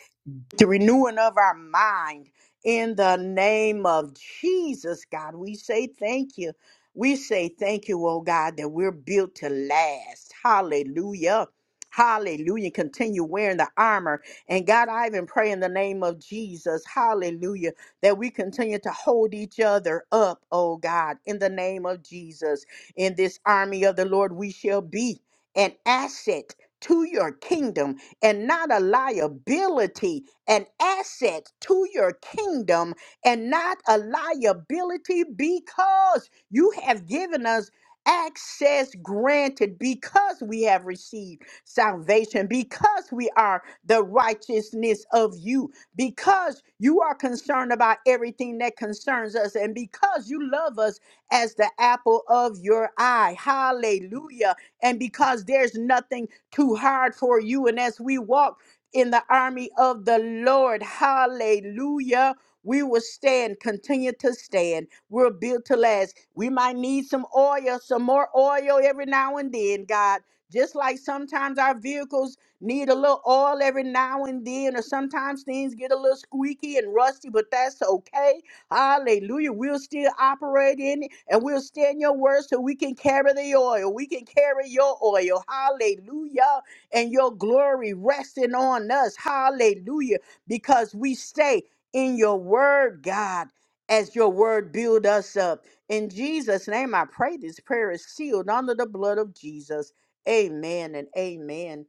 B: the renewing of our mind in the name of Jesus, God. We say thank you. We say thank you, oh God, that we're built to last. Hallelujah. Hallelujah. Continue wearing the armor. And God, I even pray in the name of Jesus, hallelujah, that we continue to hold each other up, oh God, in the name of Jesus. In this army of the Lord, we shall be an asset to your kingdom and not a liability an asset to your kingdom and not a liability because you have given us access granted because we have received salvation, because we are the righteousness of you, because you are concerned about everything that concerns us, and because you love us as the apple of your eye. Hallelujah. And because there's nothing too hard for you, and as we walk, in the army of the Lord. Hallelujah. We will stand, continue to stand. We're built to last. We might need some oil, some more oil every now and then, God. Just like sometimes our vehicles need a little oil every now and then, or sometimes things get a little squeaky and rusty, but that's okay. Hallelujah. We'll still operate in it and we'll stand your word so we can carry the oil. We can carry your oil. Hallelujah and your glory resting on us. Hallelujah. Because we stay in your word, God, as your word build us up. In Jesus' name, I pray this prayer is sealed under the blood of Jesus. Amen and amen.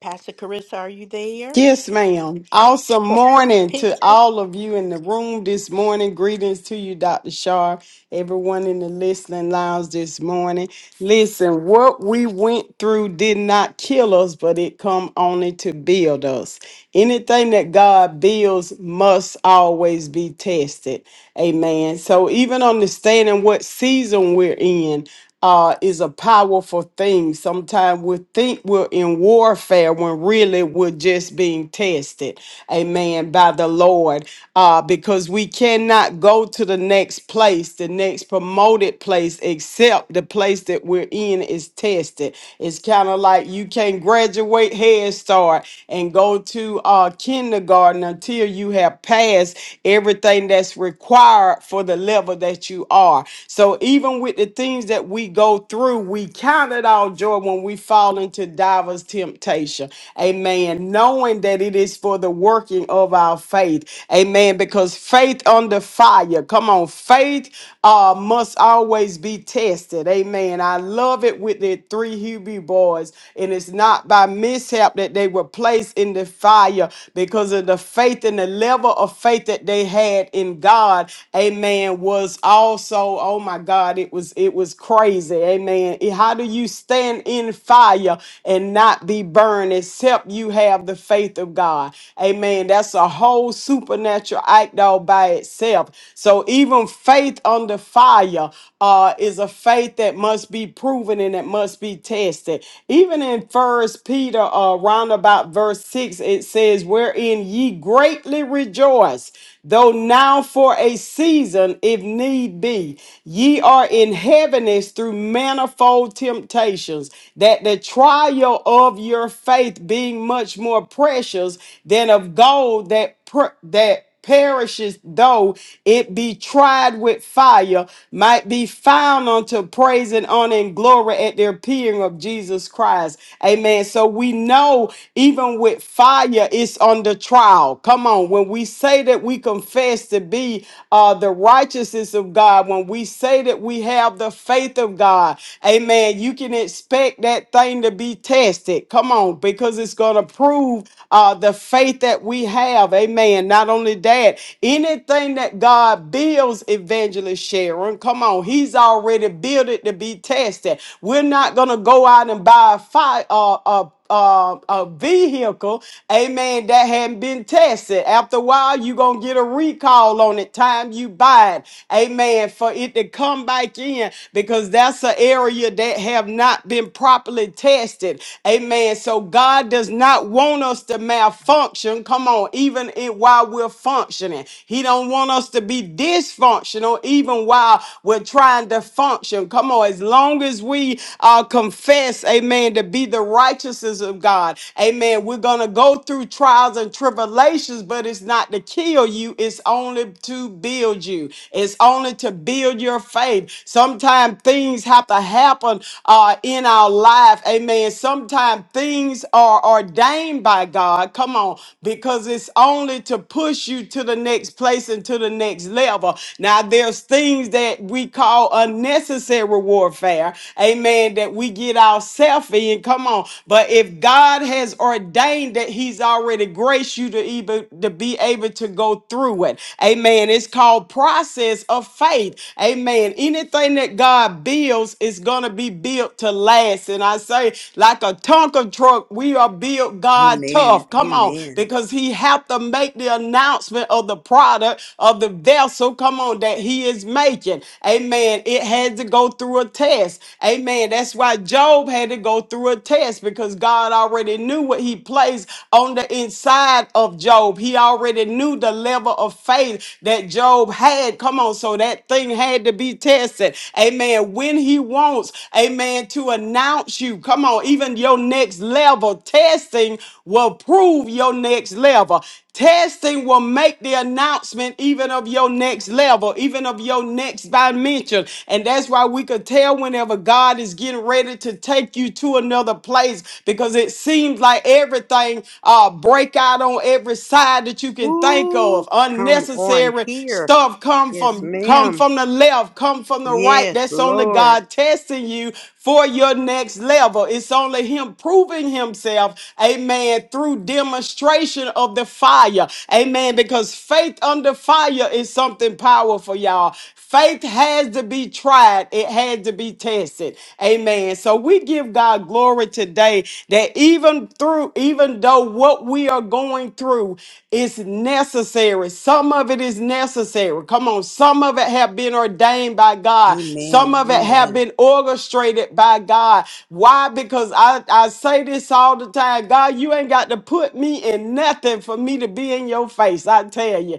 B: Pastor Carissa, are you there?
C: Yes, ma'am. Awesome
B: That pretty
C: morning to
B: picture.
C: all of you in the room this morning. Greetings to you, Dr. Shar, everyone in the listening lounge this morning. Listen, what we went through did not kill us, but it come only to build us. Anything that God builds must always be tested. Amen. So even understanding what season we're in, uh, is a powerful thing. Sometimes we think we're in warfare when really we're just being tested, amen, by the Lord, uh, because we cannot go to the next place, the next promoted place, except the place that we're in is tested. It's kind of like you can't graduate Head Start and go to uh, kindergarten until you have passed everything that's required for the level that you are. So even with the things that we go through, we count it all joy when we fall into divers temptation. Amen. Knowing that it is for the working of our faith. Amen. Because faith under fire. Come on, faith uh, must always be tested. Amen. I love it with the three Hebrew boys, and it's not by mishap that they were placed in the fire because of the faith and the level of faith that they had in God. Amen amen was also oh my god it was it was crazy amen Eh, how do you stand in fire and not be burned except you have the faith of god amen that's a whole supernatural act all by itself so even faith under fire uh is a faith that must be proven and it must be tested even in first peter uh round about verse 6 it says wherein ye greatly rejoice though now for a season, if need be, ye are in heaviness through manifold temptations, that the trial of your faith being much more precious than of gold that per- that perishes though it be tried with fire might be found unto praise and honor and glory at the appearing of jesus christ amen so we know even with fire it's under trial now. Come on. When we say that we confess to be uh, the righteousness of God, when we say that we have the faith of God, amen, you can expect that thing to be tested. Come on, because it's going to prove uh, the faith that we have. Amen. Not only that, anything that God builds, Evangelist Sharon, come on, He's already built it to be tested. We're not going to go out and buy a fire. uh, a uh, a vehicle, amen, that hadn't been tested. After a while, you're going to get a recall on it, time you buy it, amen, for it to come back in because that's an area that have not been properly tested, amen. So God does not want us to malfunction, come on, even in, while we're functioning. He don't want us to be dysfunctional even while we're trying to function. Come on, as long as we uh, confess, amen amen, to be the righteousness of God. Amen. We're going to go through trials and tribulations, but it's not to kill you, it's only to build you, it's only to build your faith. Sometimes things have to happen uh, in our life, amen. Sometimes things are ordained by God, come on, because it's only to push you to the next place and to the next level. Now, there's things that we call unnecessary warfare, amen amen, that we get ourselves in. Come on. But if God has ordained that He's already graced you to even to be able to go through it. Amen. It's called process of faith. Amen. Anything that God builds is gonna be built to last. And I say, like a Tonka truck, we are built God
B: Amen.
C: tough. Come on,
B: Amen.
C: because He have to make the announcement of the product of the vessel. Come on, that He is making. Amen. It had to go go through a test. Amen. That's why Job had to go through a test because God already knew what he placed on the inside of Job. He already knew the level of faith that Job had. Come on, so that thing had to be tested. Amen. When he wants, amen, to announce you, come on, even your next level testing will prove your next level. Testing will make the announcement even of your next level, even of your next dimension. And that's why we could tell whenever God is getting ready to take you to another place because it seems like everything uh, break out on every side that you can think
B: Ooh,
C: of.
B: come on
C: Unnecessary
B: here.
C: stuff come
B: Yes,
C: from come
B: ma'am.
C: from the left, come from the right.
B: Yes,
C: That's only
B: Lord.
C: God testing you for your next level. It's only him proving himself, amen, through demonstration of the fire. Amen. Because faith under fire is something powerful, y'all. Faith has to be tried, it had to be tested. Amen. So we give God glory today that even through, even even though what we are going through is necessary. Some of it is necessary. Come on. Some of it have been ordained by God. Some
B: Amen.
C: of it have
B: Amen.
C: been orchestrated by God. Why? Because I, I say this all the time. God, you ain't got to put me in nothing for me to be in your face. I tell you.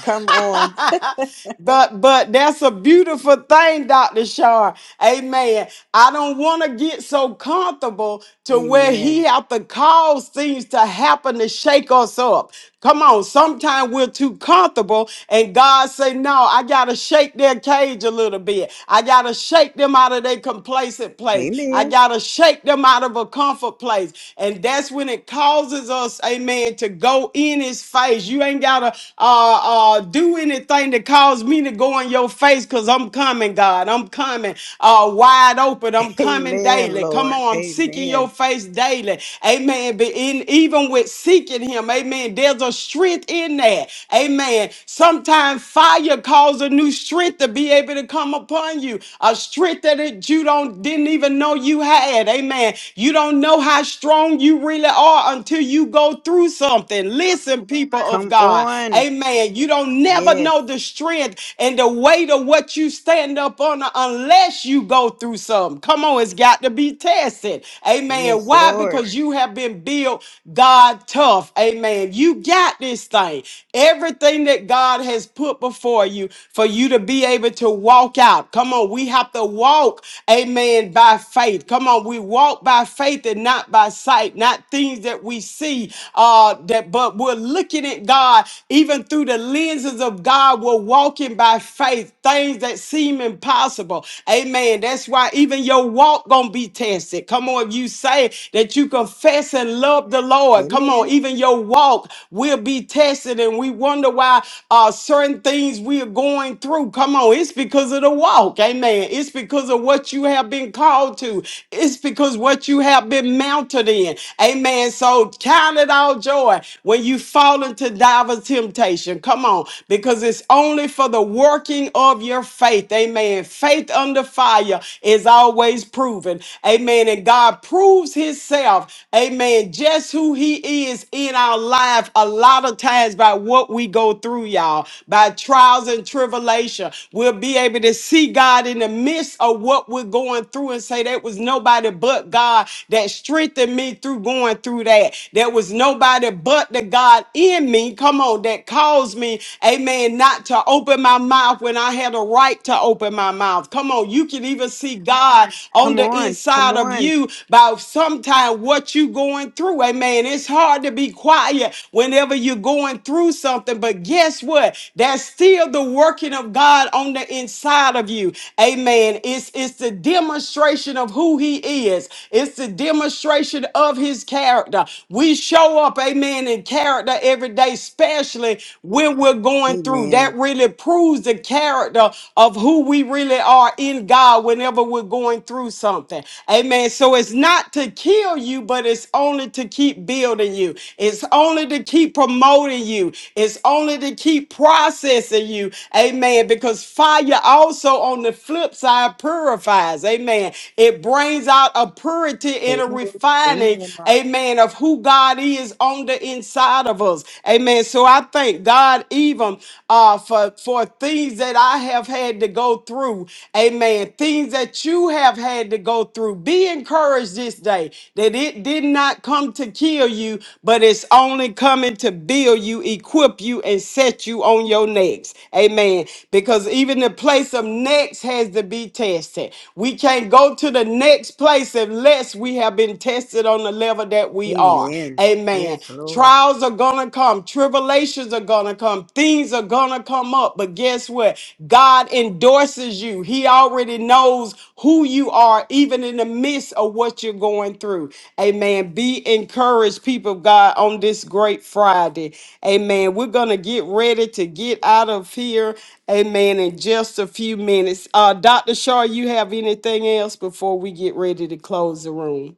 B: Come on.
C: But but that's a beautiful thing, Dr. Shar. Amen. I don't want to get so comfortable to where he
B: Amen.
C: have to cause things to happen to shake us up. Come on, sometimes we're too comfortable, and God say, No, I gotta shake their cage a little bit. I gotta shake them out of their complacent place. I
B: Amen.
C: gotta shake them out of a comfort place. And that's when it causes us, amen, to go in his face. You ain't gotta uh uh do anything anything that caused me to go in your face because I'm coming, God. I'm coming uh, wide open. I'm coming
B: Amen,
C: daily. Come
B: Lord.
C: on. I'm seeking your
B: Amen.
C: face daily. Amen. But in, even with seeking him, amen, there's a strength in that. Amen. Sometimes fire causes a new strength to be able to come upon you. A strength that it, you don't didn't even know you had. Amen. You don't know how strong you really are until you go through something. Listen, people of
B: Come
C: God.
B: on.
C: Amen stand. You don't never know the
B: Yes.
C: strength and the weight of what you stand up on unless you go through something. Come on, it's got to be tested. Amen.
B: Yes,
C: Why?
B: Lord.
C: Because you have been built God tough. Amen. You got this thing. Everything that God has put before you for you to be able to walk out. Come on, we have to walk, amen, by faith. Come on, we walk by faith and not by sight, not things that we see, uh, that but we're looking at God even through the lenses of God, we're walking by faith, things that seem impossible. Amen. That's why even your walk gonna be tested. Come on, if you say that you confess and love the Lord, come on,
B: Amen.
C: even your walk will be tested, and we wonder why uh, certain things we are going through. Come on, it's because of the walk. Amen. It's because of what you have been called to. It's because what you have been mounted in. Amen. So count it all joy when you fall fall into divers temptation. Come on, because it's only for the working of your faith. Amen. Faith under fire is always proven. Amen. And God proves Himself, amen, just who He is in our life a lot of times by what we go through, y'all, by trials and tribulation. We'll be able to see God in the midst of what we're going through and say, "There was nobody but God that strengthened me through going through that. There was nobody but but the God in me, come on, that caused me, amen, not to open my mouth when I had a right to open my mouth. Come on, you can even see God on
B: Come
C: the
B: on. Come
C: inside of
B: on.
C: you by sometimes what you going through. Amen. It's hard to be quiet whenever you're going through something, but guess what? That's still the working of God on the inside of you. Amen. It's it's the demonstration of who he is. It's the demonstration of his character. We show up, amen, in character every day, especially when we're going through. That
B: Amen.
C: really proves the character of who we really are in God whenever we're going through something. Amen. So it's not to kill you, but it's only to keep building you. It's only to keep promoting you. It's only to keep processing you. Amen. Because fire also on the flip side purifies. Amen. It brings out a purity and a
B: Amen.
C: refining.
B: Amen. now.
C: Amen amen, of who God is on the inside of us. Amen. So I thank God even uh, for, for things that I have had to go through. Amen. Things that you have had to go through. Be encouraged this day that it did not come to kill you, but it's only coming to build you, equip you, and set you on your next. Amen. Because even the place of next has to be tested. We can't go to the next place unless we have been tested on the level that we are.
B: Amen.
C: Amen.
B: Yes, Lord.
C: Trials are going to come, tribulations are going to come, things are going to come up. But guess what? God endorses you. He already knows who you are, even in the midst of what you're going through. Amen. Be encouraged, people of God, on this great Friday. Amen. We're going to get ready to get out of here. Amen. In just a few minutes. Uh, Dr. Shaw, you have anything else before we get ready to close the room?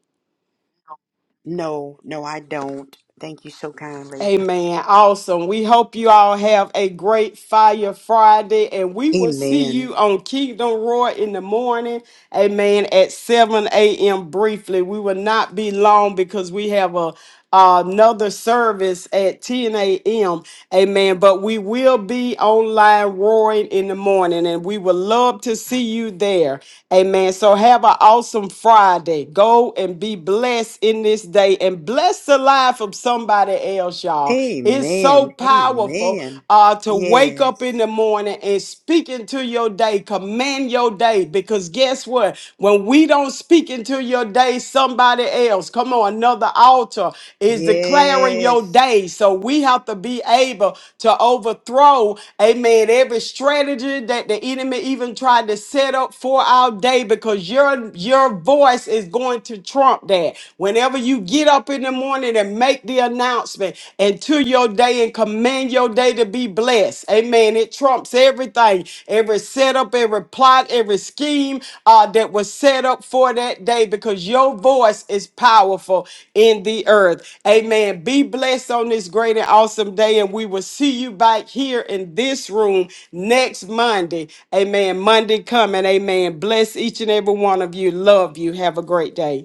B: No, no, I don't. Thank you so kindly.
C: Amen. Awesome. We hope you all have a great Fire Friday, and we will see
B: Amen.
C: you on Kingdom Roar in the morning. Amen. At 7 a.m. briefly. We will not be long because we have a another service at 10 a.m. Amen. But we will be online roaring in the morning, and we would love to see you there. Amen. So have an awesome Friday. Go and be blessed in this day and bless the lives aside from somebody else, y'all. It's so
B: Amen.
C: powerful
B: Amen.
C: uh, to wake up in
B: Yes.
C: the morning and speak into your day, command your day. Because guess what? When we don't speak into your day, somebody else, come on, another altar is declaring your
B: Yes.
C: day. So we have to be able to overthrow, amen, every strategy that the enemy even tried to set up for our day because your your voice is going to trump that. Whenever whenever you get up in the morning and make the announcement into your day and command your day to be blessed. Amen. It trumps everything, every setup, every plot, every scheme uh, that was set up for that day because your voice is powerful in the earth. Amen. Be blessed on this great and awesome day, and we will see you back here in this room next Monday. Amen. Monday coming. Amen. Bless each and every one of you. Love you. Have a great day.